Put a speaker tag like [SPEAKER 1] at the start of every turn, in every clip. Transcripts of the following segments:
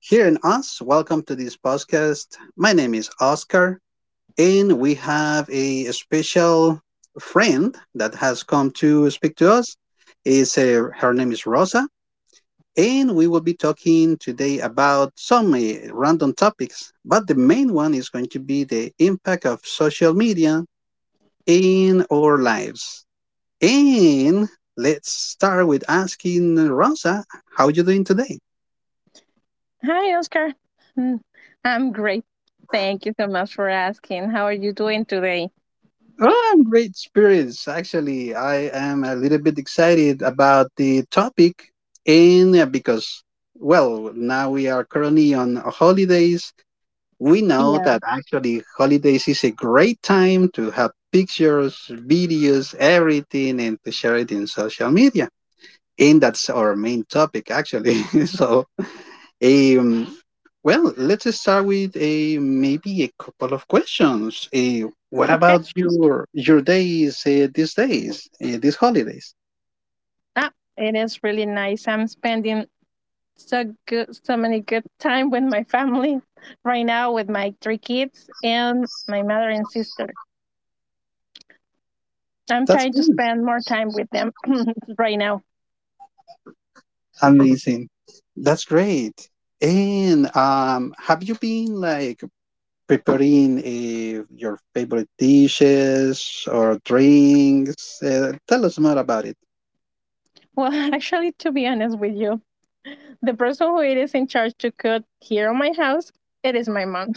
[SPEAKER 1] Hearing us. Welcome to this podcast. My name is Oscar, and we have a special friend that has come to speak to us. Is Her name is Rosa, and we will be talking today about some random topics. But the main one is going to be the impact of social media in our lives. And let's start with asking Rosa, how you doing today?
[SPEAKER 2] Hi, Oscar. Mm, I'm great. Thank you so much for asking. How are you doing today?
[SPEAKER 1] Ah, great spirits. Actually, I am a little bit excited about the topic, and because, well, now we are currently on holidays. We know
[SPEAKER 2] Yeah.
[SPEAKER 1] that actually holidays is a great time to have pictures, videos, everything, and to share it in social media. And that's our main topic, actually. So, um, well, let's start with a maybe a couple of questions. What
[SPEAKER 2] Okay.
[SPEAKER 1] about your days these days, these holidays?
[SPEAKER 2] Ah, it is really nice. I'm spending so good, so many good time with my family right now with my three kids and my mother and sister. I'm
[SPEAKER 1] That's
[SPEAKER 2] trying to
[SPEAKER 1] good.
[SPEAKER 2] spend more time with them right now.
[SPEAKER 1] Amazing. That's great. And have you been like preparing your favorite dishes or drinks? Tell us more about it.
[SPEAKER 2] Well, actually, to be honest with you, the person who it is in charge to cook here in my house, it is my mom.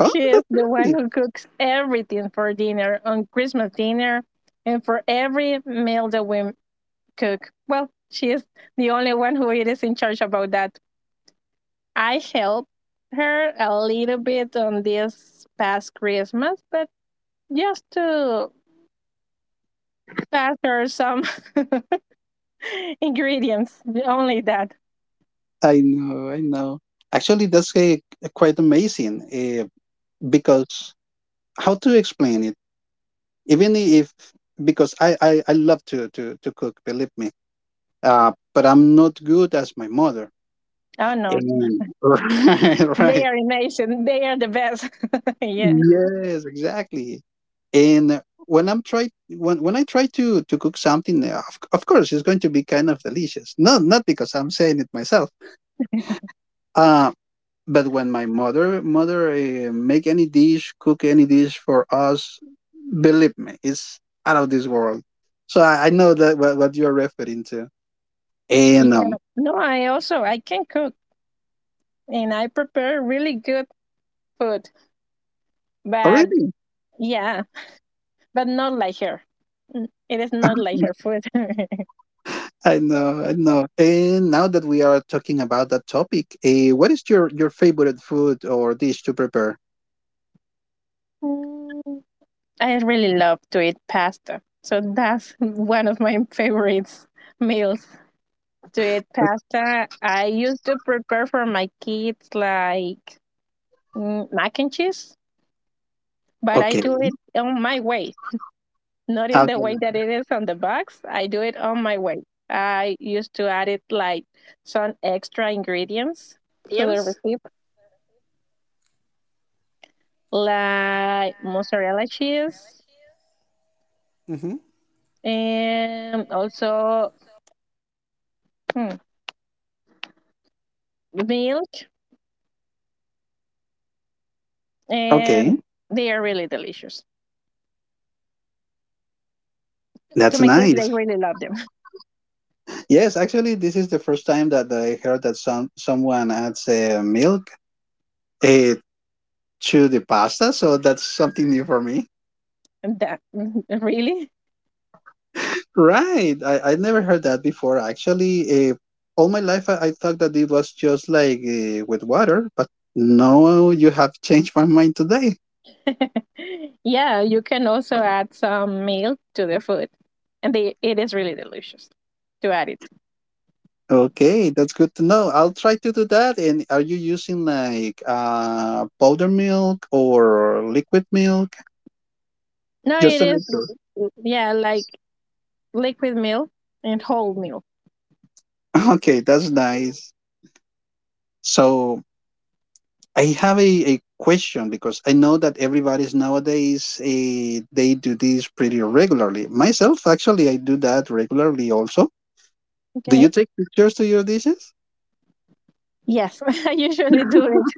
[SPEAKER 1] Oh, that's
[SPEAKER 2] is the one
[SPEAKER 1] great.
[SPEAKER 2] who cooks everything for dinner on Christmas dinner and for every meal that we cook. Well, she is the only one who is in charge about that. I help her a little bit on this past Christmas, but just to pass her some ingredients, only that.
[SPEAKER 1] I know, I know. Actually, that's quite amazing uh, because how to explain it even if because I love to cook, believe me, but I'm not good as my mother,
[SPEAKER 2] Oh no,
[SPEAKER 1] and right,
[SPEAKER 2] they
[SPEAKER 1] right.
[SPEAKER 2] are amazing. They are the best. Yeah,
[SPEAKER 1] Yes, exactly. And when I try to cook something, of course it's going to be kind of delicious. No, not because I'm saying it myself, uh but when my mother make any dish, cook any dish for us, believe me, it's out of this world. So I know that what you are referring to.
[SPEAKER 2] yeah.
[SPEAKER 1] And
[SPEAKER 2] No, I also I can cook and I prepare really good food, but
[SPEAKER 1] already
[SPEAKER 2] yeah, but not like her. It is not like her food.
[SPEAKER 1] I know, I know. And now that we are talking about that topic, what is your favorite food or dish to prepare?
[SPEAKER 2] Mm, I really love to eat pasta. So that's one of my favorites meals to eat pasta. I used to prepare for my kids like mac and cheese, but I
[SPEAKER 1] Okay,
[SPEAKER 2] do it on my way, not in the way that it is on the box. I do it on my way. I used to add it like some extra ingredients to the recipe, like mozzarella cheese, and also hmm, milk and
[SPEAKER 1] okay,
[SPEAKER 2] they are really delicious to
[SPEAKER 1] that's
[SPEAKER 2] my kids, they
[SPEAKER 1] nice.
[SPEAKER 2] really love them.
[SPEAKER 1] Yes, actually, this is the first time that I heard that someone adds milk uh, to the pasta, so that's something new for me.
[SPEAKER 2] And that really,
[SPEAKER 1] Right, I never heard that before. Actually, all my life I thought that it was just like with water, but no, you have changed my mind today.
[SPEAKER 2] yeah, you can also add some milk to the food and they it is really delicious to add it.
[SPEAKER 1] Okay, that's good to know. I'll try to do that. And are you using like powder milk or liquid milk?
[SPEAKER 2] No,
[SPEAKER 1] Just
[SPEAKER 2] it
[SPEAKER 1] to
[SPEAKER 2] is,
[SPEAKER 1] make sure.
[SPEAKER 2] yeah, like liquid milk and whole milk.
[SPEAKER 1] Okay, that's nice. So I have a question because I know that everybody's nowadays they do this pretty regularly. Myself, actually, I do that regularly also. Do you
[SPEAKER 2] Okay,
[SPEAKER 1] take pictures to your dishes
[SPEAKER 2] yes. I usually do it.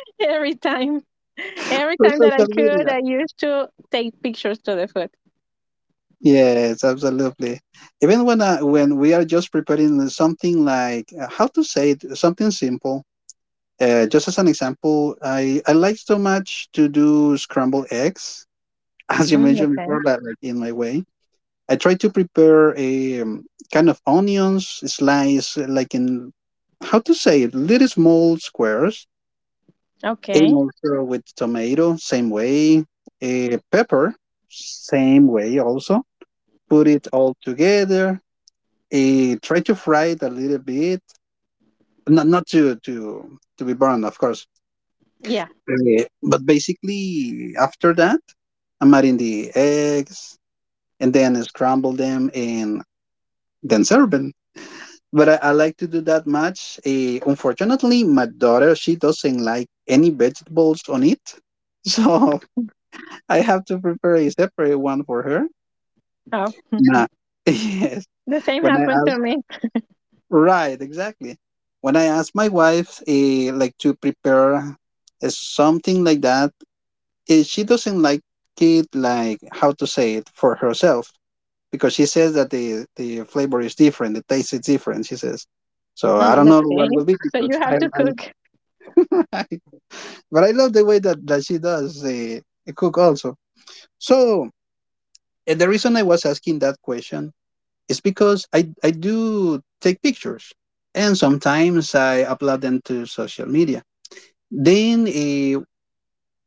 [SPEAKER 2] Every time, every
[SPEAKER 1] for
[SPEAKER 2] time that I
[SPEAKER 1] social
[SPEAKER 2] could
[SPEAKER 1] media?
[SPEAKER 2] I used to take pictures to the food.
[SPEAKER 1] Yes, absolutely. Even when we are just preparing something like how to say it, something simple. Just as an example, I like so much to do scrambled eggs. As you mentioned
[SPEAKER 2] Okay.
[SPEAKER 1] before, that like in my way I try to prepare a kind of onions slice, like in how to say it, little small squares, and
[SPEAKER 2] Okay.
[SPEAKER 1] also with tomato, same way, a pepper, same way also. Put it all together. Try to fry it a little bit, not to be burned, of course.
[SPEAKER 2] Yeah.
[SPEAKER 1] But basically, after that, I'm adding the eggs and then scramble them and then serve it. But I like to do that much. Unfortunately, my daughter she doesn't like any vegetables on it, so I have to prepare a separate one for her.
[SPEAKER 2] Oh,
[SPEAKER 1] Nah. Yes,
[SPEAKER 2] the same
[SPEAKER 1] when I
[SPEAKER 2] happened to
[SPEAKER 1] ask,
[SPEAKER 2] me.
[SPEAKER 1] right, exactly. When I ask my wife, like to prepare something like that, she doesn't like it. Like how to say it for herself because she says that the flavor is different, the taste is different, she says. So I don't know
[SPEAKER 2] Okay.
[SPEAKER 1] what will be
[SPEAKER 2] So you
[SPEAKER 1] because I,
[SPEAKER 2] have to
[SPEAKER 1] I
[SPEAKER 2] cook.
[SPEAKER 1] right. But I love the way that she does cook also. So the reason I was asking that question is because I do take pictures, and sometimes I upload them to social media. Then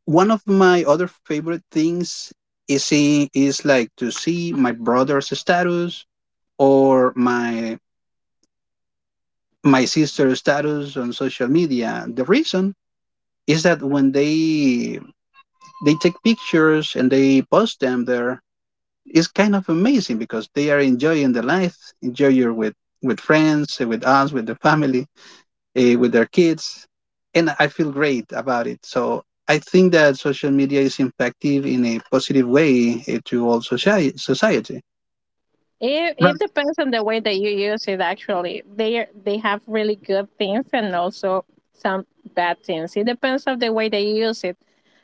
[SPEAKER 1] one of my other favorite things is like to see my brother's status or my sister's status on social media. The reason is that when they take pictures and they post them there. It's kind of amazing because they are enjoying the life, enjoying with friends, with us, with the family, with their kids, and I feel great about it. So I think that social media is impactive in a positive way to all society.
[SPEAKER 2] It
[SPEAKER 1] Right.
[SPEAKER 2] depends on the way that you use it. Actually, they have really good things and also some bad things. It depends on the way that you use it.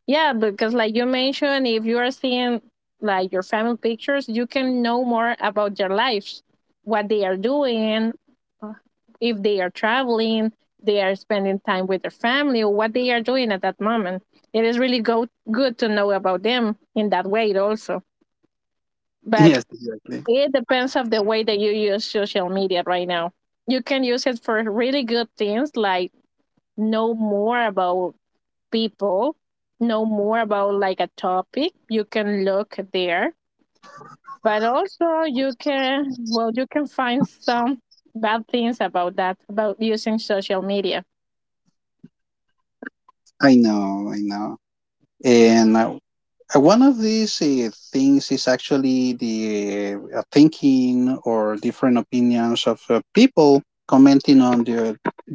[SPEAKER 2] Yeah, because like you mentioned, if you are seeing like your family pictures, you can know more about their lives, what they are doing, if they are traveling, they are spending time with their family, or what they are doing at that moment. It is really good to know about them in that way also. But
[SPEAKER 1] Yes, exactly.
[SPEAKER 2] it depends of the way that you use social media right now. You can use it for really good things like know more about people, know more about like a topic. You can look there. But also you can, well, you can find some bad things about that, about using social media.
[SPEAKER 1] I know, I know. And one of these things is actually the thinking or different opinions of people commenting on the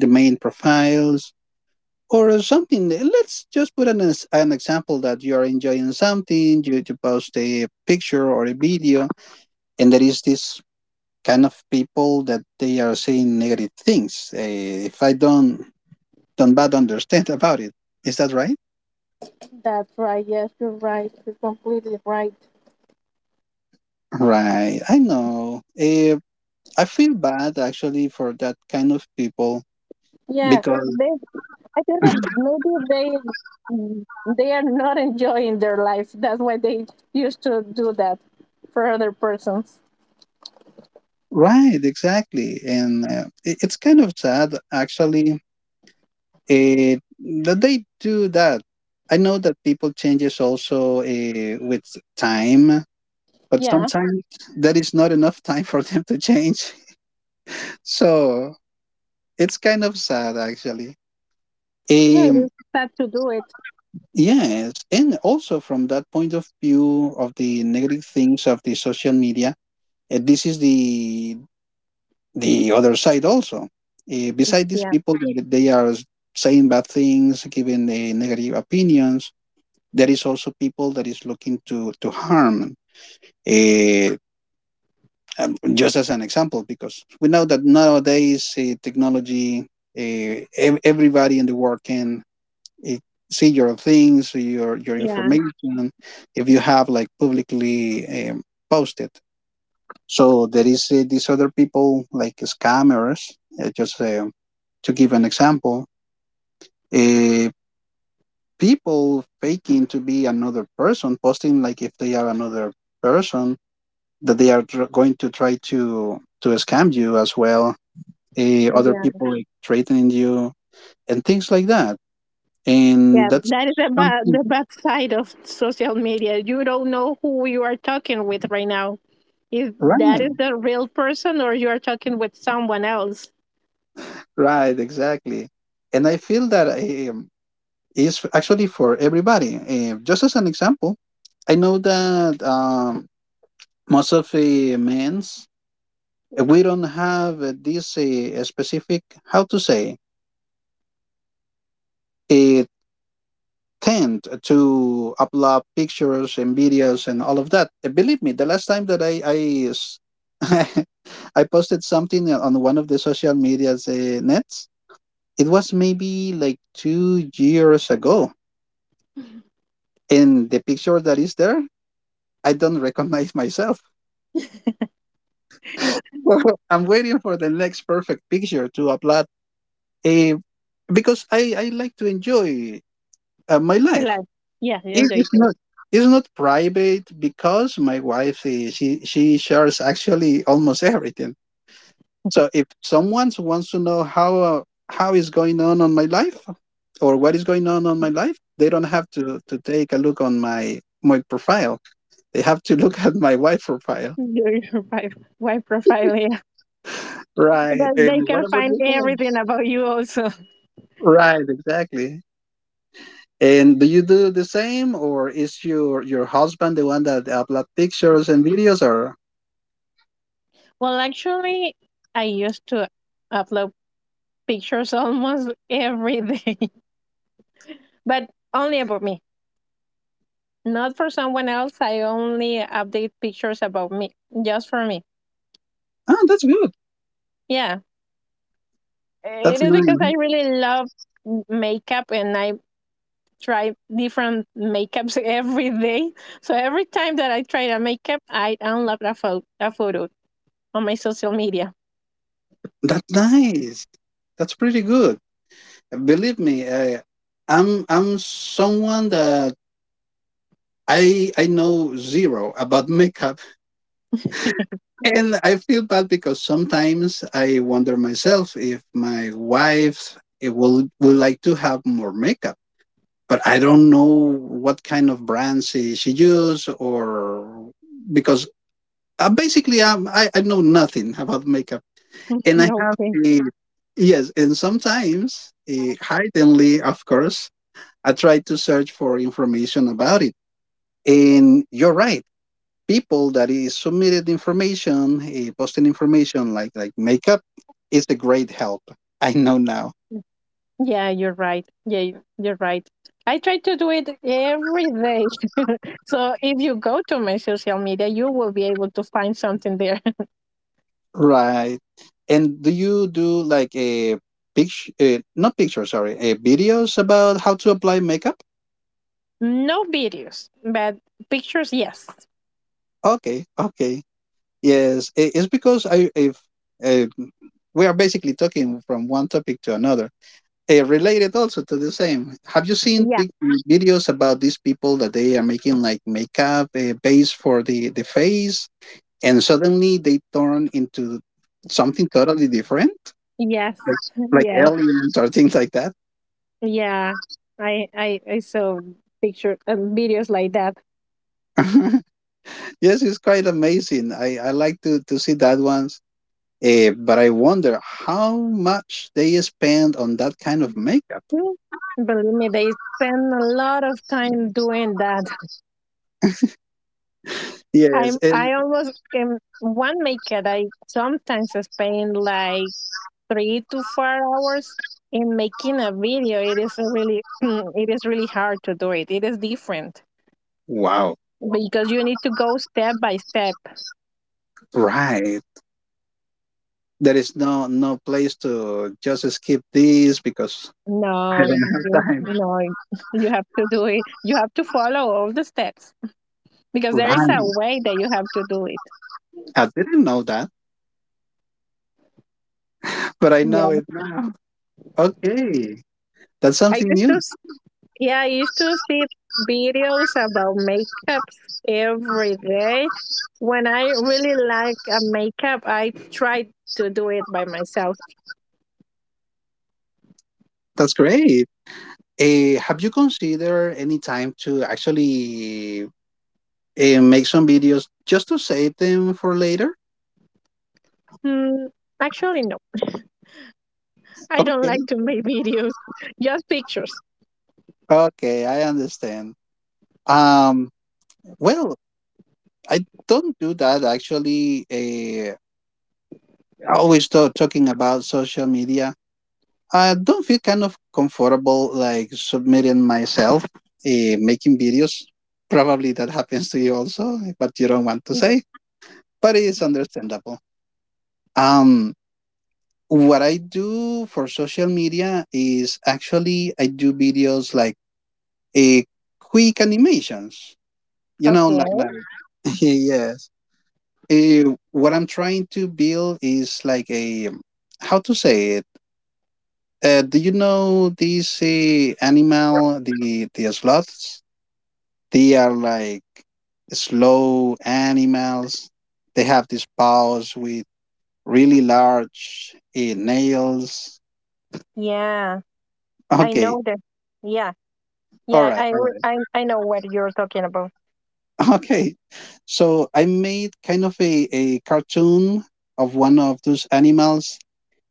[SPEAKER 1] the main profiles or something. Let's just put an example that you are enjoying something, you post a picture or a video, and there is this kind of people that they are saying negative things. If I don't bad understand about it, is that right?
[SPEAKER 2] That's right. Yes, you're right. You're completely right.
[SPEAKER 1] Right, I know. I feel bad actually for that kind of people
[SPEAKER 2] Yeah,
[SPEAKER 1] because
[SPEAKER 2] they. I think that maybe they are not enjoying their life. That's why they used to do that for other persons.
[SPEAKER 1] right, exactly. And it's kind of sad actually, it, that they do that. I know that people changes also with time, but
[SPEAKER 2] Yeah,
[SPEAKER 1] sometimes that is not enough time for them to change. So it's kind of sad actually.
[SPEAKER 2] yeah, it
[SPEAKER 1] Um,
[SPEAKER 2] is sad to do it.
[SPEAKER 1] yes, and also from that point of view of the negative things of the social media, this is the other side also. Beside these
[SPEAKER 2] Yeah,
[SPEAKER 1] people that they are saying bad things, giving the negative opinions, there is also people that is looking to harm. Uh, just as an example, because we know that nowadays technology, everybody in the world can uh, see your things, your
[SPEAKER 2] yeah,
[SPEAKER 1] information, if you have like publicly posted. So there is these other people like scammers, just to give an example, uh, people faking to be another person, posting like if they are another person, that they are going to try to scam you as well. Other
[SPEAKER 2] yeah,
[SPEAKER 1] people like threatening you and things like that,
[SPEAKER 2] yeah.
[SPEAKER 1] and that's
[SPEAKER 2] That is the bad
[SPEAKER 1] something.
[SPEAKER 2] the bad side of social media. You don't know who you are talking with right now. If that is
[SPEAKER 1] Right,
[SPEAKER 2] the real person, or you are talking with someone else.
[SPEAKER 1] right, exactly. And I feel that um, is actually for everybody. Just as an example, I know that most of the men's we don't have this specific how to say a tend to upload pictures and videos and all of that. Believe me, the last time that s- I posted something on one of the social medias nets, it was maybe like 2 years ago, and the picture that is there, I don't recognize myself. I'm waiting for the next perfect picture to upload, uh, because I like to enjoy my
[SPEAKER 2] The
[SPEAKER 1] life.
[SPEAKER 2] life. Yeah,
[SPEAKER 1] It-
[SPEAKER 2] enjoy
[SPEAKER 1] it's not it's not private because my wife is, she shares actually almost everything. So if someone wants to know how is going on my life or what is going on my life, they don't have to take a look on my profile. They have to look at my wife profile.
[SPEAKER 2] your, your wife profile, yeah.
[SPEAKER 1] Right.
[SPEAKER 2] That
[SPEAKER 1] And
[SPEAKER 2] they
[SPEAKER 1] what
[SPEAKER 2] can
[SPEAKER 1] about
[SPEAKER 2] find
[SPEAKER 1] yourself?
[SPEAKER 2] everything about you also.
[SPEAKER 1] Right. Exactly. And do you do the same, or is your husband the one that upload pictures and videos? Or
[SPEAKER 2] Well, actually, I used to upload pictures almost every day but only about me, not for someone else. I only update pictures about me, just for me.
[SPEAKER 1] Oh, that's good.
[SPEAKER 2] Yeah,
[SPEAKER 1] That's
[SPEAKER 2] it is because I
[SPEAKER 1] nice.
[SPEAKER 2] really love makeup and I try different makeups every day. So every time that I try a makeup I unload a, a photo on my social media.
[SPEAKER 1] That's nice. That's pretty good. Believe me, I'm someone that I know zero about makeup, and I feel bad because sometimes I wonder myself if my wife it will would like to have more makeup, but I don't know what kind of brands she use or because basically I know nothing about makeup. And I have
[SPEAKER 2] Okay.
[SPEAKER 1] a yes, and sometimes hiddenly, of course, I try to search for information about it. And you're right, people that is posted information like makeup is a great help. I know now,
[SPEAKER 2] Yeah, you're right. Yeah, you're right. I try to do it every day. So if you go to my social media, you will be able to find something there.
[SPEAKER 1] right? And do you do like a picture? Not picture, sorry, videos about how to apply makeup?
[SPEAKER 2] No videos, but pictures, yes.
[SPEAKER 1] Okay, okay. Yes, it's because I if uh, we are basically talking from one topic to another. Related also to the same. Have you seen
[SPEAKER 2] Yeah.
[SPEAKER 1] big videos about these people that they are making like makeup base for the face, and suddenly they turn into something totally different,
[SPEAKER 2] Yes.
[SPEAKER 1] like, like
[SPEAKER 2] Yes.
[SPEAKER 1] aliens or things like that?
[SPEAKER 2] Yeah. I saw picture videos like that.
[SPEAKER 1] Yes, it's quite amazing. I like to see that ones. But I wonder how much they spend on that kind of makeup.
[SPEAKER 2] Mm, Believe me, they spend a lot of time doing that. I
[SPEAKER 1] Yes,
[SPEAKER 2] am
[SPEAKER 1] and
[SPEAKER 2] I almost in one makeup. I sometimes spend like 3 to 4 hours in making a video. It is a really it is really hard to do it. It is different
[SPEAKER 1] wow,
[SPEAKER 2] because you need to go step by step.
[SPEAKER 1] right. There is no place to just skip this because I
[SPEAKER 2] No,
[SPEAKER 1] don't have time.
[SPEAKER 2] no you have to do it, you have to follow all the steps because there is
[SPEAKER 1] Right.
[SPEAKER 2] a way that you have to do it.
[SPEAKER 1] I didn't know that, but I know
[SPEAKER 2] Yeah,
[SPEAKER 1] it now. Okay. That's
[SPEAKER 2] I
[SPEAKER 1] something
[SPEAKER 2] used
[SPEAKER 1] new.
[SPEAKER 2] to s- yeah I used to see videos about makeups every day. When I really like a makeup I try to do it by myself.
[SPEAKER 1] That's great. Have you considered any time to actually make some videos just to save them for later?
[SPEAKER 2] Hmm, actually, no. I don't
[SPEAKER 1] Okay.
[SPEAKER 2] like to make videos, just pictures.
[SPEAKER 1] Okay, I understand. Um well, I don't do that actually. Always talking about social media, I don't feel kind of comfortable like submitting myself, making videos. Probably that happens to you also, but you don't want to
[SPEAKER 2] Okay.
[SPEAKER 1] say, but it's understandable. Um, what I do for social media is actually I do videos like a quick animations, you know, like,
[SPEAKER 2] Okay.
[SPEAKER 1] like yes. Eh, what I'm trying to build is like a how to say it. Do you know this animal, the sloths? They are like slow animals. They have these paws with really large nails.
[SPEAKER 2] Yeah, I
[SPEAKER 1] Okay,
[SPEAKER 2] know that. Yeah,
[SPEAKER 1] all
[SPEAKER 2] yeah,
[SPEAKER 1] right,
[SPEAKER 2] I,
[SPEAKER 1] all
[SPEAKER 2] re-
[SPEAKER 1] right.
[SPEAKER 2] I, I know what you're talking about.
[SPEAKER 1] Okay, so I made kind of a cartoon of one of those animals,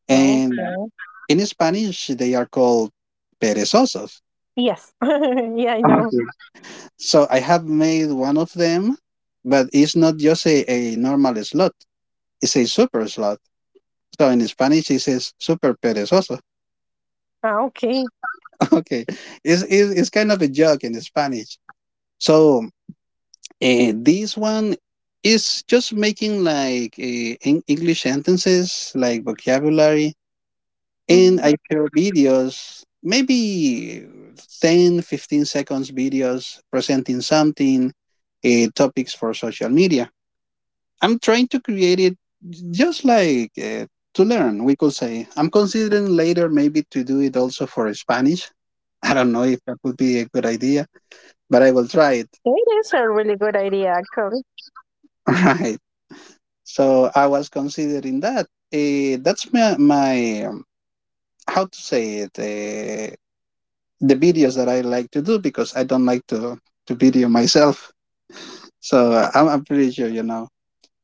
[SPEAKER 1] and
[SPEAKER 2] Okay.
[SPEAKER 1] in Spanish they are called perezosos.
[SPEAKER 2] Yes. Yeah, I know.
[SPEAKER 1] So I have made one of them, but it's not just a normal slot. It's a super slot. So in Spanish, it says super perezoso.
[SPEAKER 2] Ah, okay.
[SPEAKER 1] Okay. It's kind of a joke in Spanish. So this one is just making like English sentences, like vocabulary. And
[SPEAKER 2] Mm,
[SPEAKER 1] I share videos, maybe 10, 15 seconds videos presenting something, topics for social media. I'm trying to create it just like to learn, we could say. I'm considering later maybe to do it also for Spanish. I don't know if that would be a good idea, but I will try it.
[SPEAKER 2] it is a really good idea, actually.
[SPEAKER 1] Right. So I was considering that. That's my how to say it, the videos that I like to do because I don't like to video myself. So I'm pretty sure.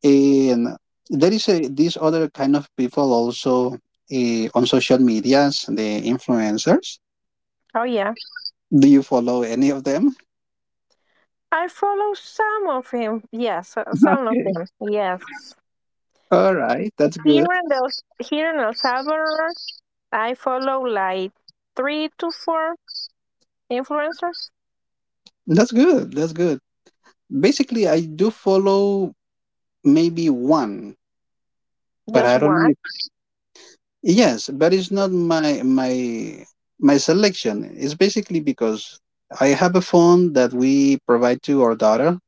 [SPEAKER 1] And there is this other kind of people also on social medias, the influencers.
[SPEAKER 2] Oh, yeah.
[SPEAKER 1] Do you follow any of them?
[SPEAKER 2] I follow some of him. Yes, some of
[SPEAKER 1] Okay.
[SPEAKER 2] them. Yes.
[SPEAKER 1] All right, that's
[SPEAKER 2] Here
[SPEAKER 1] good.
[SPEAKER 2] in, the, here in El Salvador, I follow like three to four influencers.
[SPEAKER 1] That's good. That's good. Basically, I do follow maybe one, but
[SPEAKER 2] Just
[SPEAKER 1] I don't know.
[SPEAKER 2] one.
[SPEAKER 1] If, yes, but it's not my selection. It's basically because I have a phone that we provide to our daughter.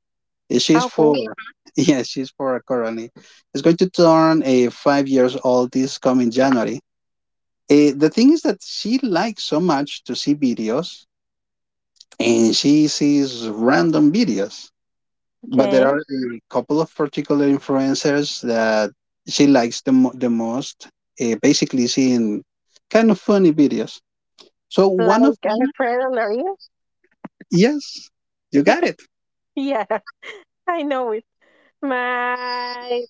[SPEAKER 1] Yeah,
[SPEAKER 2] Ah,
[SPEAKER 1] she's
[SPEAKER 2] okay.
[SPEAKER 1] four. Yeah, she's four currently. She's going to turn a 5 years old this coming January. The thing is that she likes so much to see videos, and she sees random videos. But there
[SPEAKER 2] Okay.
[SPEAKER 1] are a couple of particular influencers that she likes the the most. Basically, seeing kind of funny videos. So one of
[SPEAKER 2] Like
[SPEAKER 1] them,
[SPEAKER 2] Alfredo Lorien?
[SPEAKER 1] yes, you got it.
[SPEAKER 2] Yeah, I know it. My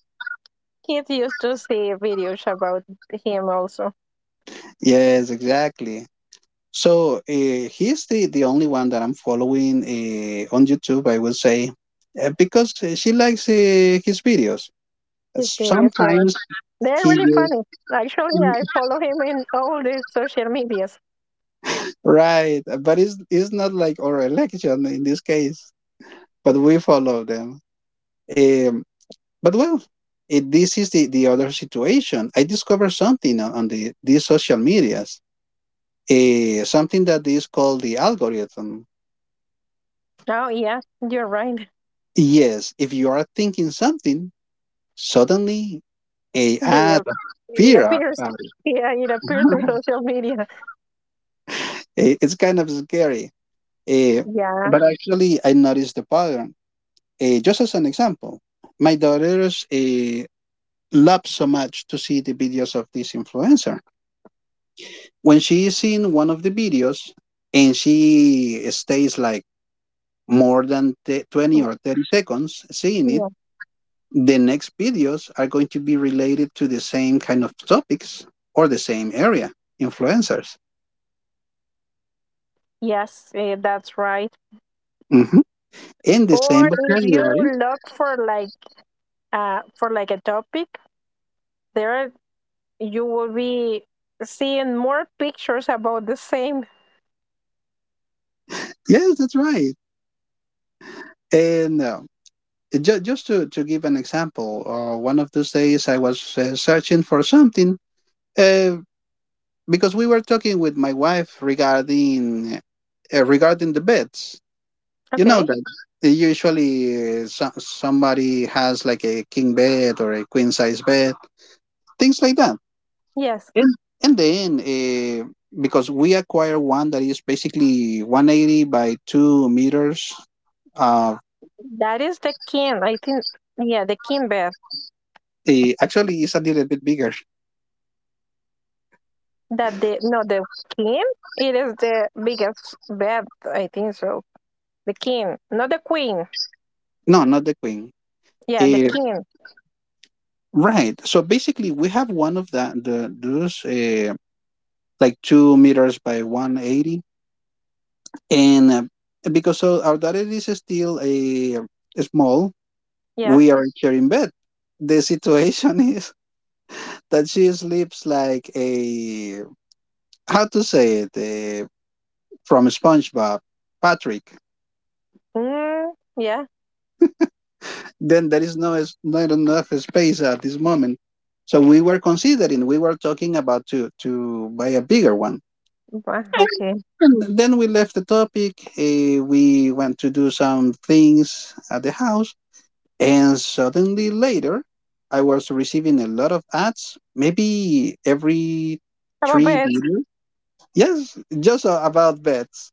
[SPEAKER 2] kids used to see videos about him also.
[SPEAKER 1] Yes, exactly. So he's the only one that I'm following on YouTube. I would say because she likes his videos.
[SPEAKER 2] His videos, yeah.
[SPEAKER 1] Sometimes
[SPEAKER 2] They're
[SPEAKER 1] he
[SPEAKER 2] really funny. Actually, I
[SPEAKER 1] just
[SPEAKER 2] follow him in all the social medias.
[SPEAKER 1] right, but it's not like our election in this case. But we follow them. Um, but well, this is the other situation. I discovered something on these social medias. Something that is called the algorithm.
[SPEAKER 2] Oh, yeah, you're right.
[SPEAKER 1] Yes, if you are thinking something, suddenly
[SPEAKER 2] They,
[SPEAKER 1] the
[SPEAKER 2] it
[SPEAKER 1] fear.
[SPEAKER 2] appears. Yeah, it appears in social media.
[SPEAKER 1] It's kind of scary. Eh,
[SPEAKER 2] Yeah.
[SPEAKER 1] but actually, I noticed the pattern. Just as an example, my daughters love so much to see the videos of this influencer. When she is in one of the videos and she stays like more than 20 or 30 seconds seeing it,
[SPEAKER 2] Yeah.
[SPEAKER 1] the next videos are going to be related to the same kind of topics or the same area influencers.
[SPEAKER 2] Yes, that's right.
[SPEAKER 1] Mm-hmm. In
[SPEAKER 2] Or
[SPEAKER 1] December,
[SPEAKER 2] if you
[SPEAKER 1] January.
[SPEAKER 2] look for like for like a topic, there are, you will be seeing more pictures about the same.
[SPEAKER 1] Yes, that's right. And just to give an example, one of those days I was searching for something uh, because we were talking with my wife regarding regarding the beds. You know
[SPEAKER 2] Okay.
[SPEAKER 1] that usually somebody has like a king bed or a queen size bed, things like that.
[SPEAKER 2] Yes.
[SPEAKER 1] And and then because we acquire one that is basically 180 by 2 meters. uh,
[SPEAKER 2] That is the king. I think yeah, the king bed.
[SPEAKER 1] Actually, it's a little bit bigger.
[SPEAKER 2] That the no the king. It is the biggest bed. I think so. The king, not the queen.
[SPEAKER 1] No, not the queen.
[SPEAKER 2] Yeah, the
[SPEAKER 1] Eh,
[SPEAKER 2] king.
[SPEAKER 1] right. So basically, we have one of the those like 2 meters by 180, and because so our daughter is still a small,
[SPEAKER 2] Yeah.
[SPEAKER 1] we are sharing bed. The situation is that she sleeps like a how to say it from SpongeBob, Patrick.
[SPEAKER 2] Mm, yeah.
[SPEAKER 1] Then there is no not enough space at this moment. So we were considering, we were talking about to buy a bigger one,
[SPEAKER 2] Bah, okay.
[SPEAKER 1] and then we left the topic. We went to do some things at the house, and suddenly later, I was receiving a lot of ads, maybe every
[SPEAKER 2] About
[SPEAKER 1] three
[SPEAKER 2] beds.
[SPEAKER 1] videos. Yes, just about beds,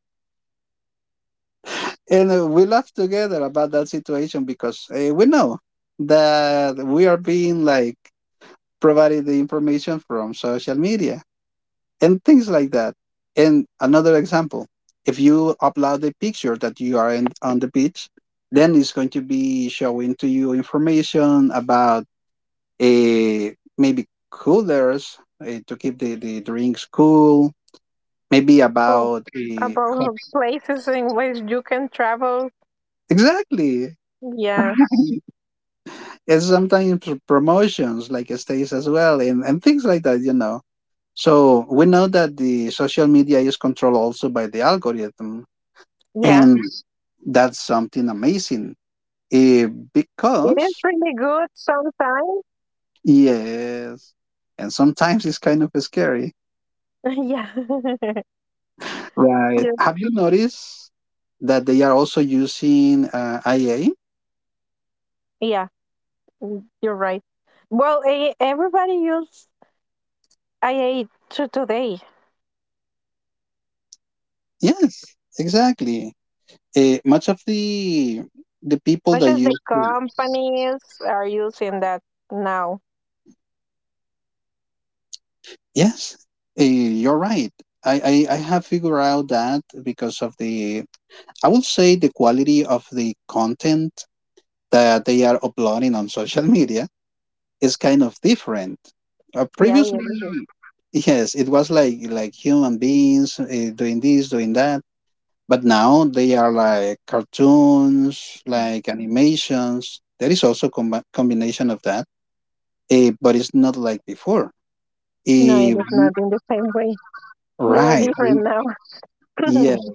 [SPEAKER 1] and we laughed together about that situation because we know that we are being like provided the information from social media and things like that. And another example, if you upload a picture that you are in, on the beach, then it's going to be showing to you information about a maybe coolers to keep the drinks cool, maybe
[SPEAKER 2] Oh,
[SPEAKER 1] about the
[SPEAKER 2] about places in which you can travel.
[SPEAKER 1] exactly
[SPEAKER 2] Yeah.
[SPEAKER 1] and sometimes promotions like stays as well and things like that. So we know that the social media is controlled also by the algorithm,
[SPEAKER 2] Yeah.
[SPEAKER 1] and that's something amazing eh,
[SPEAKER 2] It is
[SPEAKER 1] because
[SPEAKER 2] really good sometimes.
[SPEAKER 1] yes, and sometimes it's kind of scary,
[SPEAKER 2] Yeah.
[SPEAKER 1] right?
[SPEAKER 2] Yeah.
[SPEAKER 1] Have you noticed that they are also using IA?
[SPEAKER 2] Yeah. You're right. Well, everybody use IA to today.
[SPEAKER 1] Yes, exactly. Much of the people
[SPEAKER 2] Not
[SPEAKER 1] that
[SPEAKER 2] just the
[SPEAKER 1] use,
[SPEAKER 2] companies are using that now.
[SPEAKER 1] yes, you're right. I have figured out that because of the, I would say, the quality of the content that they are uploading on social media is kind of different.
[SPEAKER 2] Yeah,
[SPEAKER 1] Previously,
[SPEAKER 2] it is.
[SPEAKER 1] yes, it was like human beings doing this, doing that, but now they are like cartoons, like animations. There is also combination of that, but it's not like before.
[SPEAKER 2] No, it
[SPEAKER 1] Eh,
[SPEAKER 2] is not in the same way. They are
[SPEAKER 1] right?
[SPEAKER 2] different now.
[SPEAKER 1] Yes,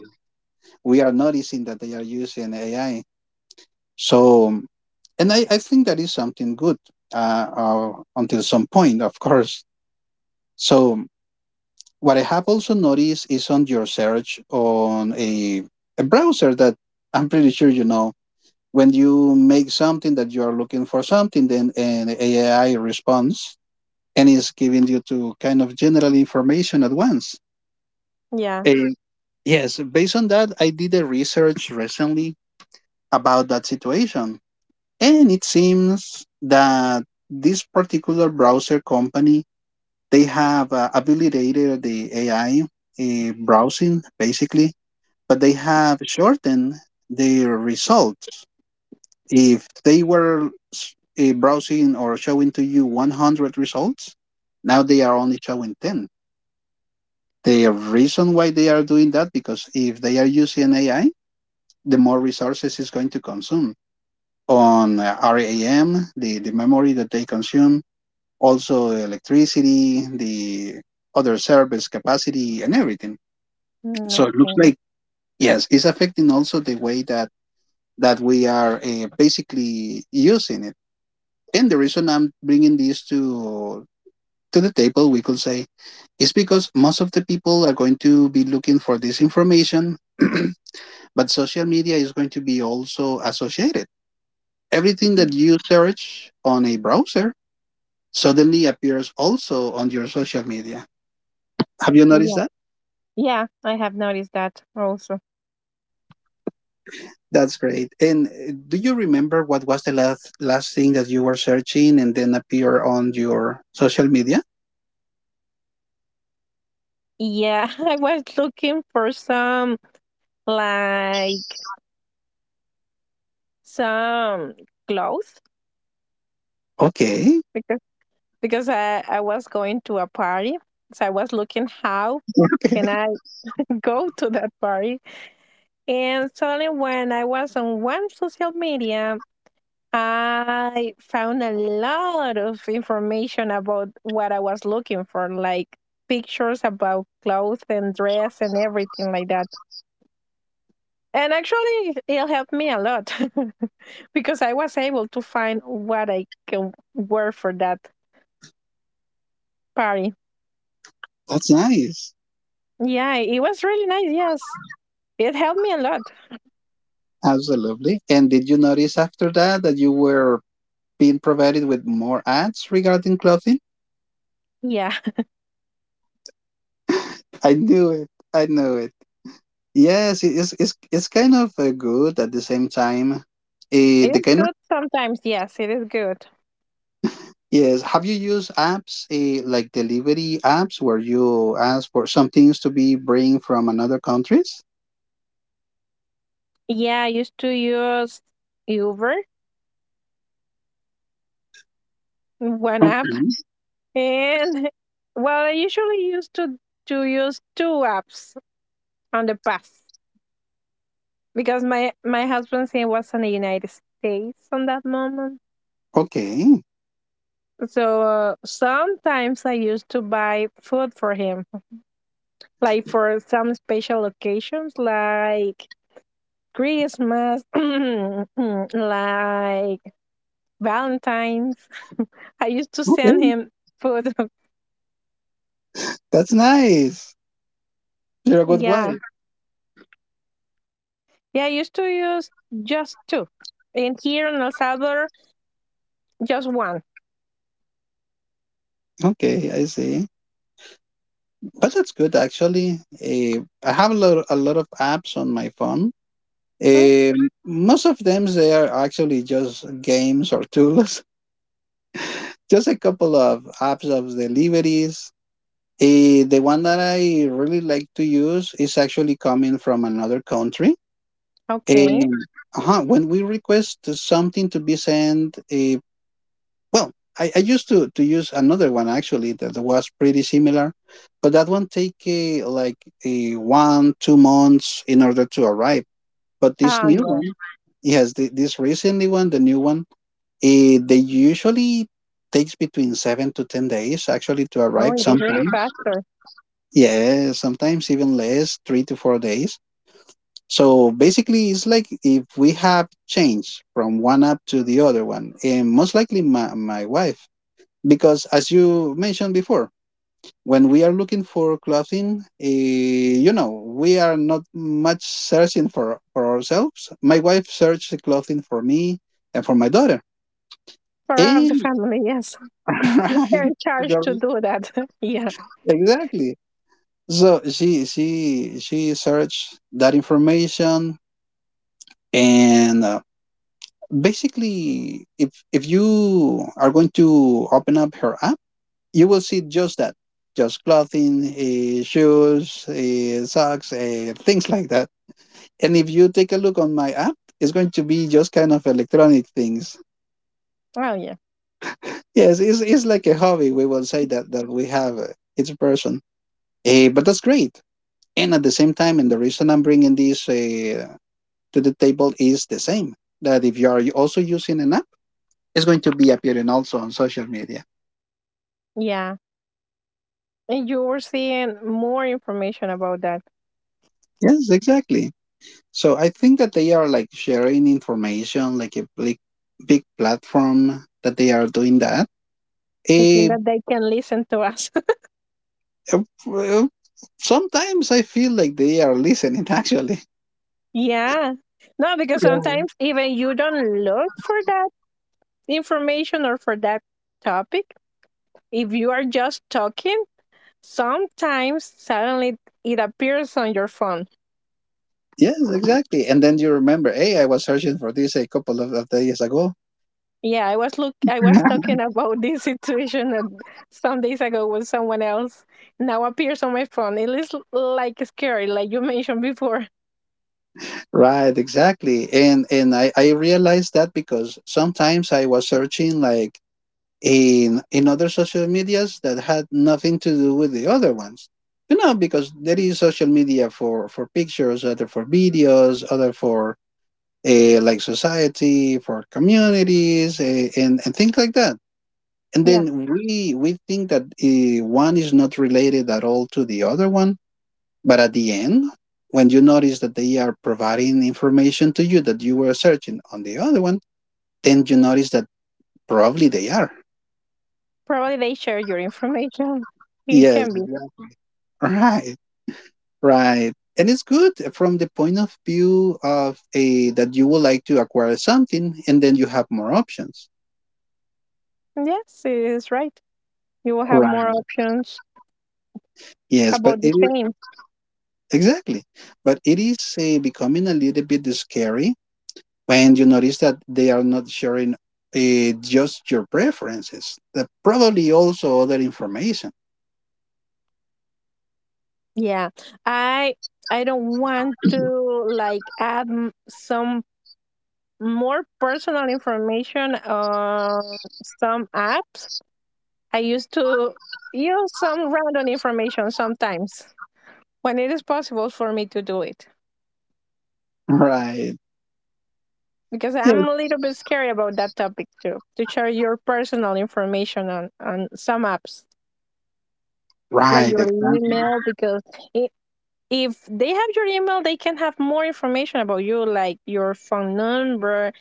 [SPEAKER 1] we are noticing that they are using AI. So. And I think that is something good until some point, of course. So what I have also noticed is on your search on a browser that I'm pretty sure you know when you make something that you are looking for something, then an AI responds and is giving you to kind of general information at once.
[SPEAKER 2] Yeah.
[SPEAKER 1] And yes, based on that, I did a research recently about that situation. And it seems that this particular browser company they have validated the AI browsing basically, but they have shortened their results. If they were browsing or showing to you 100 results, now they are only showing 10. The reason why they are doing that because if they are using AI, the more resources it's going to consume on RAM, the memory that they consume, also electricity, the other service capacity, and everything. So it looks
[SPEAKER 2] Okay.
[SPEAKER 1] like yes, it's affecting also the way that we are basically using it. And the reason I'm bringing this to the table, we could say, is because most of the people are going to be looking for this information, but social media is going to be also associated. Everything
[SPEAKER 2] Mm,
[SPEAKER 1] that you search on a browser suddenly appears also on your social media. Have you noticed
[SPEAKER 2] yeah.
[SPEAKER 1] that?
[SPEAKER 2] Yeah, I have noticed that also.
[SPEAKER 1] That's great. And do you remember what was the last thing that you were searching and then appear on your social media?
[SPEAKER 2] Yeah, I was looking for some like some clothes
[SPEAKER 1] Okay.
[SPEAKER 2] because because I was going to a party. So I was looking how
[SPEAKER 1] Okay.
[SPEAKER 2] can I go to that party? And suddenly, when I was on one social media, I found a lot of information about what I was looking for, like pictures about clothes and dress and everything like that. And actually, it helped me a lot because I was able to find what I can wear for that party.
[SPEAKER 1] That's nice.
[SPEAKER 2] Yeah, it was really nice. Yes, it helped me a lot.
[SPEAKER 1] Absolutely. And did you notice after that that you were being provided with more ads regarding clothing?
[SPEAKER 2] Yeah,
[SPEAKER 1] I knew it. I knew it. Yes, it's kind of good at the same time.
[SPEAKER 2] it
[SPEAKER 1] The
[SPEAKER 2] is
[SPEAKER 1] kind.
[SPEAKER 2] good sometimes. Yes, it is good.
[SPEAKER 1] Yes. Have you used apps, like delivery apps, where you ask for some things to be bring from another countries?
[SPEAKER 2] Yeah, I used to use Uber, one
[SPEAKER 1] Okay.
[SPEAKER 2] app, and well, I usually used to use two apps on the past because my husband he was in the United States on that moment.
[SPEAKER 1] Okay.
[SPEAKER 2] So sometimes I used to buy food for him, like for some special occasions, like Christmas, like Valentine's. I used to send
[SPEAKER 1] Okay.
[SPEAKER 2] him food.
[SPEAKER 1] That's nice. You're a good wife.
[SPEAKER 2] Yeah, yeah, I used to use just two. And here in El Salvador, just one.
[SPEAKER 1] Okay, I see. But that's good actually. I have a lot of apps on my phone.
[SPEAKER 2] Hmm,
[SPEAKER 1] Most of them they are actually just games or tools. Just a couple of apps of deliveries. The one that I really like to use is actually coming from another country.
[SPEAKER 2] okay.
[SPEAKER 1] And when we request something to be sent, well, I used to use another one actually that was pretty similar, but that one take like a one, 2 months in order to arrive. But this
[SPEAKER 2] Oh,
[SPEAKER 1] new
[SPEAKER 2] yeah.
[SPEAKER 1] one, yes, this recently one, the new one, they usually takes between 7 to 10 days actually to
[SPEAKER 2] Oh,
[SPEAKER 1] arrive
[SPEAKER 2] it is really
[SPEAKER 1] sometimes.
[SPEAKER 2] faster.
[SPEAKER 1] Yeah, sometimes even less, 3 to 4 days. So basically, it's like if we have changed from one app to the other one, and most likely my wife, because as you mentioned before, when we are looking for clothing, we are not much searching for ourselves. My wife searched clothing for me and for my daughter.
[SPEAKER 2] For of the
[SPEAKER 1] And
[SPEAKER 2] family, yes. They're
[SPEAKER 1] right,
[SPEAKER 2] in charge
[SPEAKER 1] there-
[SPEAKER 2] to do that. Yeah.
[SPEAKER 1] exactly. So she searched that information and basically if you are going to open up her app, you will see just that, just clothing, shoes, socks, things like that. And if you take a look on my app, it's going to be just kind of electronic things.
[SPEAKER 2] Oh, yeah.
[SPEAKER 1] Yes, it's like a hobby, we will say that we have, each person, but that's great. And at the same time, and the reason I'm bringing this to the table is the same, that if you are also using an app, is going to be appearing also on social media.
[SPEAKER 2] Yeah. And you were seeing more information about that.
[SPEAKER 1] Yes, exactly. So I think that they are like sharing information, like a big, big platform that they are doing that.
[SPEAKER 2] I think
[SPEAKER 1] Eh,
[SPEAKER 2] that they can listen to us.
[SPEAKER 1] uh, well, sometimes I feel like they are listening actually.
[SPEAKER 2] Yeah. No, because sometimes even you don't look for that information or for that topic. If you are just talking, sometimes suddenly it appears on your phone.
[SPEAKER 1] Yes, exactly. And then you remember, hey, I was searching for this a couple of days ago.
[SPEAKER 2] Yeah, I was talking about this situation and some days ago with someone else. Now appears on my phone. It is like scary, like you mentioned before.
[SPEAKER 1] Right, exactly. And I realized that because sometimes I was searching like in other social medias that had nothing to do with the other ones because there is social media for pictures, other for videos, other for, like, society for communities, and things like that. And
[SPEAKER 2] Yeah,
[SPEAKER 1] then we think that one is not related at all to the other one, but at the end, when you notice that they are providing information to you that you were searching on the other one, then you notice that probably they are.
[SPEAKER 2] probably they share your information. It
[SPEAKER 1] Yes.
[SPEAKER 2] can be.
[SPEAKER 1] Exactly. Right. Right. And it's good from the point of view of, a that you would like to acquire something and then you have more options.
[SPEAKER 2] Yes, it is right. You will have more
[SPEAKER 1] Right.
[SPEAKER 2] options
[SPEAKER 1] Yes, but
[SPEAKER 2] about the
[SPEAKER 1] it is,
[SPEAKER 2] same.
[SPEAKER 1] exactly. But it is becoming a little bit scary when you notice that they are not sharing just your preferences, that probably also other information.
[SPEAKER 2] Yeah, I I don't want to like add some more personal information on some apps. I used to use some random information sometimes when it is possible for me to do it
[SPEAKER 1] Right.
[SPEAKER 2] because
[SPEAKER 1] Yes.
[SPEAKER 2] I'm a little bit scary about that topic too to share your personal information on some apps like
[SPEAKER 1] Right.
[SPEAKER 2] your
[SPEAKER 1] Exactly.
[SPEAKER 2] email because I if they have your email they can have more information about you like your phone number,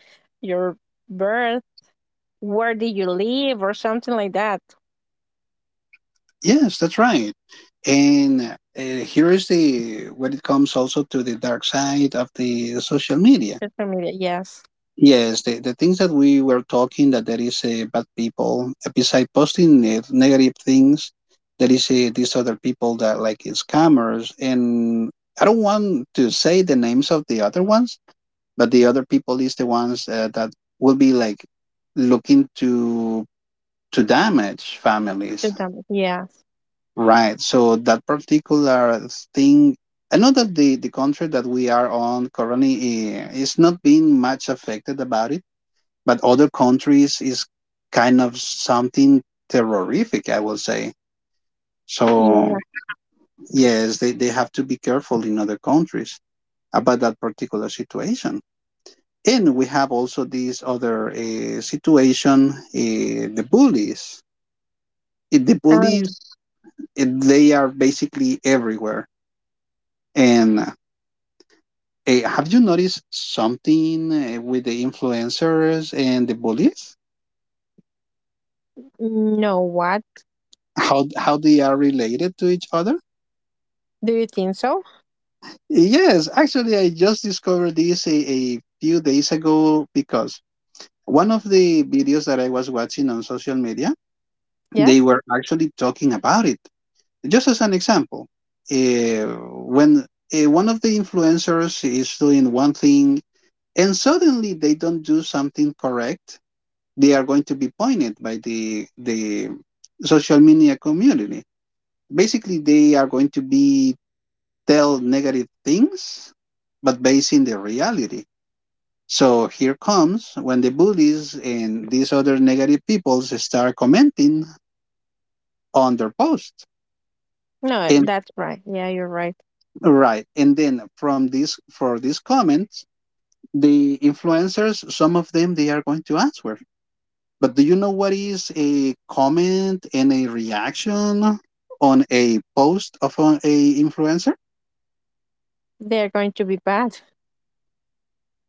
[SPEAKER 2] your birth, where do you live or something like that.
[SPEAKER 1] Yes, that's right. And here is the, when it comes also to the dark side of the social media.
[SPEAKER 2] Social media, yes.
[SPEAKER 1] Yes, the things that we were talking, that there is a bad people beside posting negative things, there is a, these other people that like scammers, and I don't want to say the names of the other ones, but the other people is the ones that will be like looking to damage
[SPEAKER 2] To
[SPEAKER 1] families,
[SPEAKER 2] them. Yeah.
[SPEAKER 1] right? So that particular thing. I know that the country that we are on currently, is not being much affected about it, but other countries is kind of something terrorific, I will say. So
[SPEAKER 2] Yeah.
[SPEAKER 1] yes, they have to be careful in other countries about that particular situation. And we have also this other situation, the bullies. Eh, The
[SPEAKER 2] Um,
[SPEAKER 1] bullies, eh, they are basically everywhere. And have you noticed something with the influencers and the bullies?
[SPEAKER 2] no, what?
[SPEAKER 1] How they are related to each other?
[SPEAKER 2] Do you think so?
[SPEAKER 1] Yes, actually, I just discovered this a few days ago because one of the videos that I was watching on social media, they
[SPEAKER 2] Yes?
[SPEAKER 1] were actually talking about it. Just as an example, uh, when one of the influencers is doing one thing and suddenly they don't do something correct, they are going to be pointed by the social media community. Basically, they are going to be tell negative things, but based in the reality. So here comes when the bullies and these other negative people start commenting on their post.
[SPEAKER 2] No,
[SPEAKER 1] And
[SPEAKER 2] that's right. Yeah, you're right.
[SPEAKER 1] right, and then from this, for these comments, the influencers, some of them, they are going to answer. But do you know what is a comment and a reaction on a post of a influencer?
[SPEAKER 2] They're going to be bad.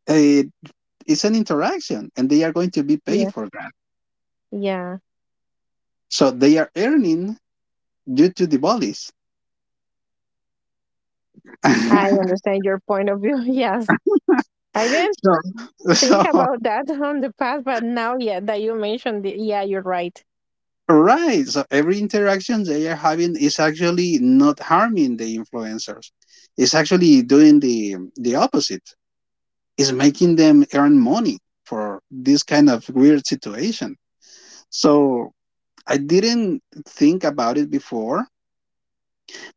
[SPEAKER 1] It, it's an interaction, and they are going to be paid
[SPEAKER 2] Yeah.
[SPEAKER 1] for that.
[SPEAKER 2] Yeah.
[SPEAKER 1] So they are earning due to the bullies.
[SPEAKER 2] I
[SPEAKER 1] so,
[SPEAKER 2] understand your point of view. Yes. I didn't think
[SPEAKER 1] so
[SPEAKER 2] about that on the past, but now, yeah, that you mentioned it, yeah, you're right.
[SPEAKER 1] right. So every interaction they are having is actually not harming the influencers. It's actually doing the opposite. It's making them earn money for this kind of weird situation. So I didn't think about it before,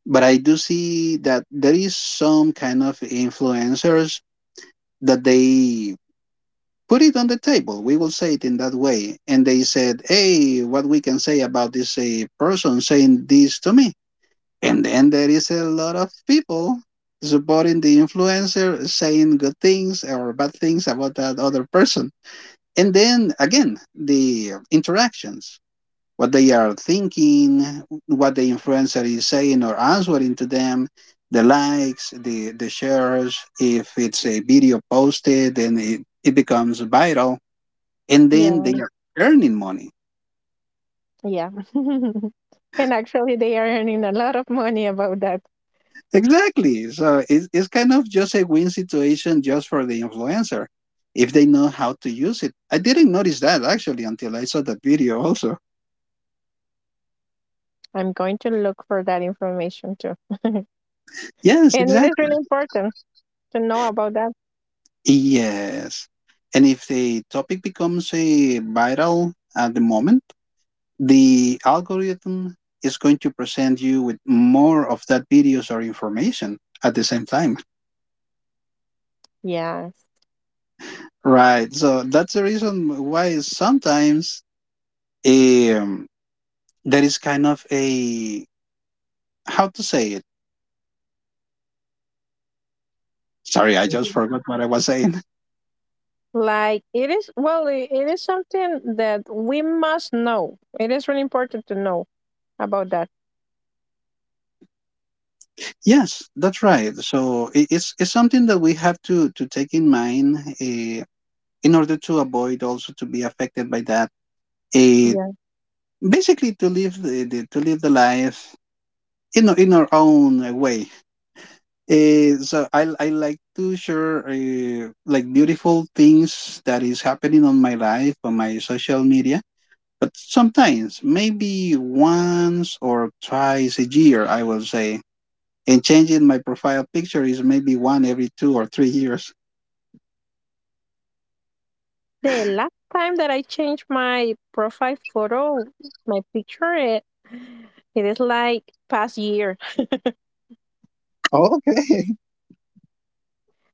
[SPEAKER 1] but I do see that there is some kind of influencers that they put it on the table. We will say it in that way. And they said, hey, what we can say about this person saying this to me? And then there is a lot of people supporting the influencer, saying good things or bad things about that other person. And then again, the interactions, what they are thinking, what the influencer is saying or answering to them, the likes, the shares, if it's a video posted and it becomes viral, and then they
[SPEAKER 2] Yeah.
[SPEAKER 1] are earning money.
[SPEAKER 2] Yeah. And actually, they are earning a lot of money about that.
[SPEAKER 1] Exactly. So it's kind of just a win situation just for the influencer if they know how to use it. I didn't notice that actually until I saw that video also.
[SPEAKER 2] I'm going to look for that information too.
[SPEAKER 1] Yes,
[SPEAKER 2] And it is
[SPEAKER 1] exactly.
[SPEAKER 2] really important to know about that.
[SPEAKER 1] Yes. And if the topic becomes a viral at the moment, the algorithm is going to present you with more of that videos or information at the same time.
[SPEAKER 2] Yes.
[SPEAKER 1] Right. So that's the reason why sometimes. Um, That is kind of a, how to say it. Sorry, I just forgot what I was saying.
[SPEAKER 2] Like it is, well, it is something that we must know. It is really important to know about that.
[SPEAKER 1] Yes, that's right. So it's something that we have to take in mind in order to avoid also to be affected by that. Uh,
[SPEAKER 2] Yeah.
[SPEAKER 1] Basically, to live the, to live the life in in our own way. So I like to share like beautiful things that is happening on my life on my social media. But sometimes, maybe once or twice a year, I will say. And changing my profile picture is maybe one every 2 or 3 years.
[SPEAKER 2] The last time that I changed my profile photo, my picture, it is like past year.
[SPEAKER 1] Oh, okay.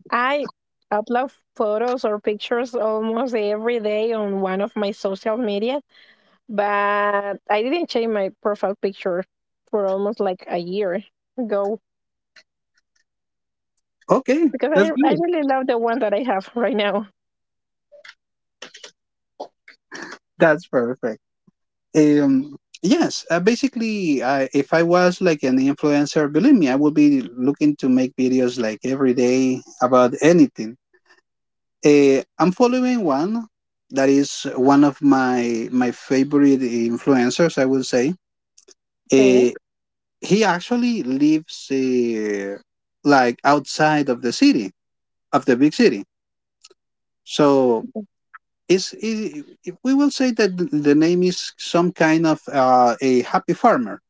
[SPEAKER 2] I upload photos or pictures almost every day on one of my social media, but I didn't change my profile picture for almost like a year ago
[SPEAKER 1] Okay.
[SPEAKER 2] because I,
[SPEAKER 1] That's
[SPEAKER 2] I
[SPEAKER 1] good.
[SPEAKER 2] really love the one that I have right now.
[SPEAKER 1] That's perfect. Um, yes. Basically, I, if I was like an influencer, believe me, I would be looking to make videos like every day about anything. I'm following one that is one of my favorite influencers, I would say.
[SPEAKER 2] Okay.
[SPEAKER 1] Uh, he actually lives like outside of the city, of the big city, so it's I- we will say that the name is some kind of a happy farmer,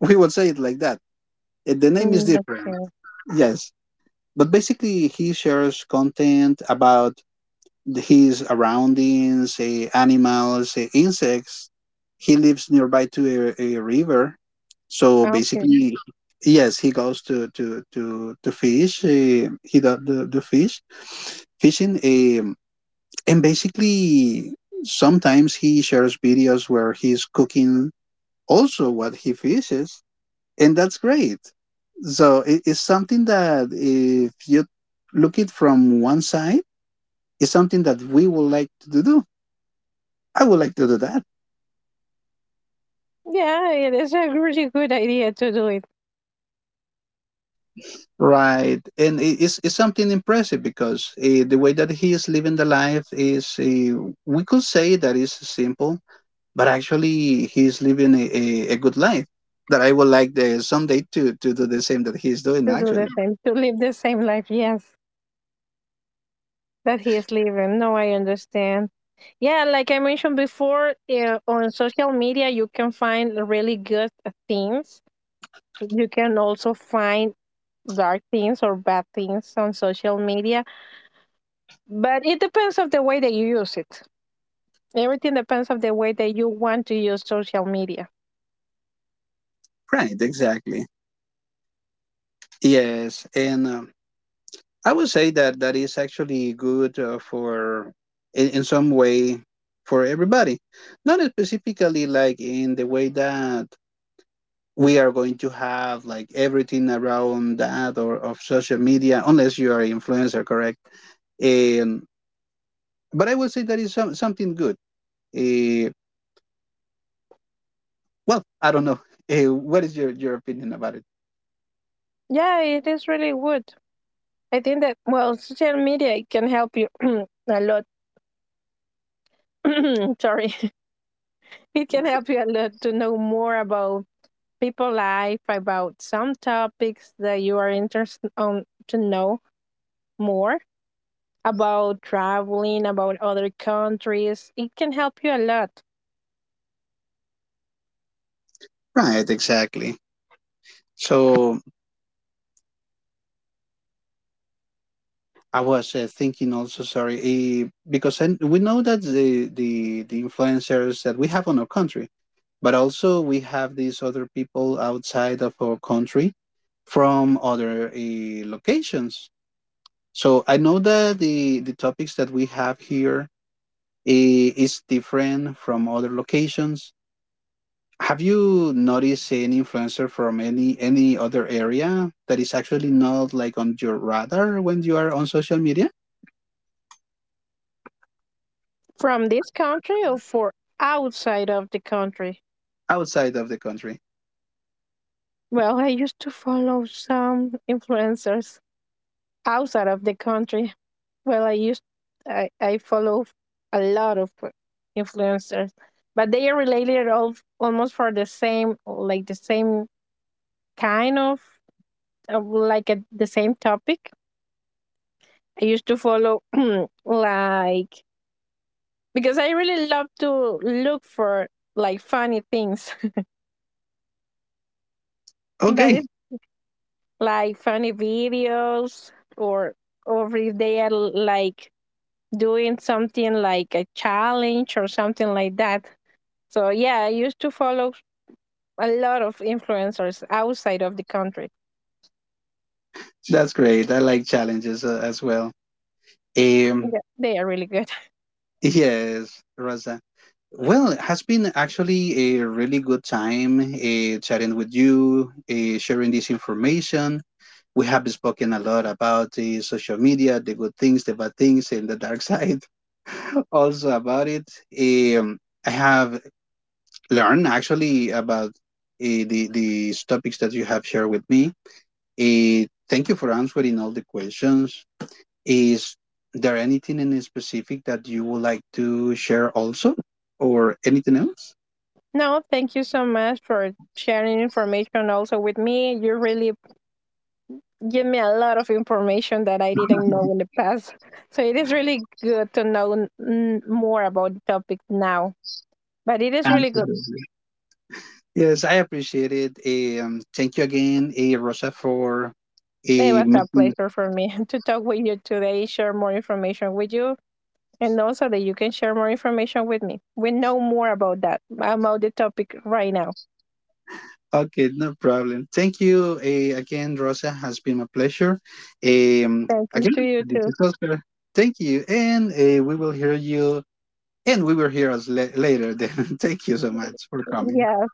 [SPEAKER 1] we will say it like that. The name is different,
[SPEAKER 2] Okay.
[SPEAKER 1] yes, but basically he shares content about his surroundings, animals, insects. He lives nearby to a river, so
[SPEAKER 2] Ah, okay.
[SPEAKER 1] basically, yes, he goes to fish. He do the, fish fishing, and basically sometimes he shares videos where he's cooking also what he fishes, and that's great. So it, it's something that if you look it from one side, it's something that we would like to do. I would like to do that.
[SPEAKER 2] Yeah, it is a really good idea to do it,
[SPEAKER 1] Right. And it's something impressive because the way that he is living the life is, we could say that is simple, but actually he is living a good life that I would like someday to do the same that he is doing
[SPEAKER 2] to do the
[SPEAKER 1] actually.
[SPEAKER 2] same, to live the same life. Yes, that he is living. No, I understand. Yeah, like I mentioned before, on social media, you can find really good things. You can also find dark things or bad things on social media, but it depends of the way that you use it. Everything depends of the way that you want to use social media.
[SPEAKER 1] Right. Exactly. Yes. And I would say that that is actually good for, in some way, for everybody. Not specifically like in the way that we are going to have like everything around that or of social media unless you are an influencer, correct? um, but I would say that is some, something good, uh, well, I don't know. What is your opinion about it?
[SPEAKER 2] Yeah, it is really good. I think that well, social media can help you a lot. Sorry, it can help you a lot to know more about people life, about some topics that you are interested on to know more about traveling, about other countries. It can help you a lot
[SPEAKER 1] Right, exactly. So I was thinking also, sorry, because I, we know that the, the influencers that we have on our country, but also we have these other people outside of our country from other locations. So I know that the topics that we have here, is different from other locations. Have you noticed any influencer from any other area that is actually not like on your radar when you are on social media
[SPEAKER 2] from this country or for outside of the country.
[SPEAKER 1] outside of the country?
[SPEAKER 2] Well, I used to follow some influencers outside of the country. Well, I follow a lot of influencers, but they are related all almost for the same like the same kind of, like a, the same topic. I used to follow like because I really love to look for like funny things that is
[SPEAKER 1] Okay,
[SPEAKER 2] like funny videos or if they are like doing something like a challenge or something like that. So yeah, I used to follow a lot of influencers outside of the country.
[SPEAKER 1] that's great. I like challenges as well. Um,
[SPEAKER 2] Yeah. They are really good.
[SPEAKER 1] yes, Raza. Well, it has been actually a really good time chatting with you, sharing this information. We have spoken a lot about the social media, the good things, the bad things, and the dark side also about it. Um, I have learned actually about these topics that you have shared with me. Thank you for answering all the questions. Is there anything in specific that you would like to share also, or anything else?
[SPEAKER 2] No, thank you so much for sharing information also with me. You really give me a lot of information that I didn't know in the past. So it is really good to know more about the topic now. But it is really good.
[SPEAKER 1] Absolutely. Yes, I appreciate it. Thank you again, Rosa, for
[SPEAKER 2] It was a
[SPEAKER 1] making.
[SPEAKER 2] pleasure for me to talk with you today, share more information with you, and also that you can share more information with me. We know more about that, about the topic right now.
[SPEAKER 1] Okay, no problem. Thank you again, Rosa. Has been a pleasure.
[SPEAKER 2] Thank you
[SPEAKER 1] Again,
[SPEAKER 2] to you
[SPEAKER 1] this
[SPEAKER 2] too.
[SPEAKER 1] is Oscar. Thank you, and we will hear you, and we will hear us later. Then, thank you so much for coming.
[SPEAKER 2] Yeah.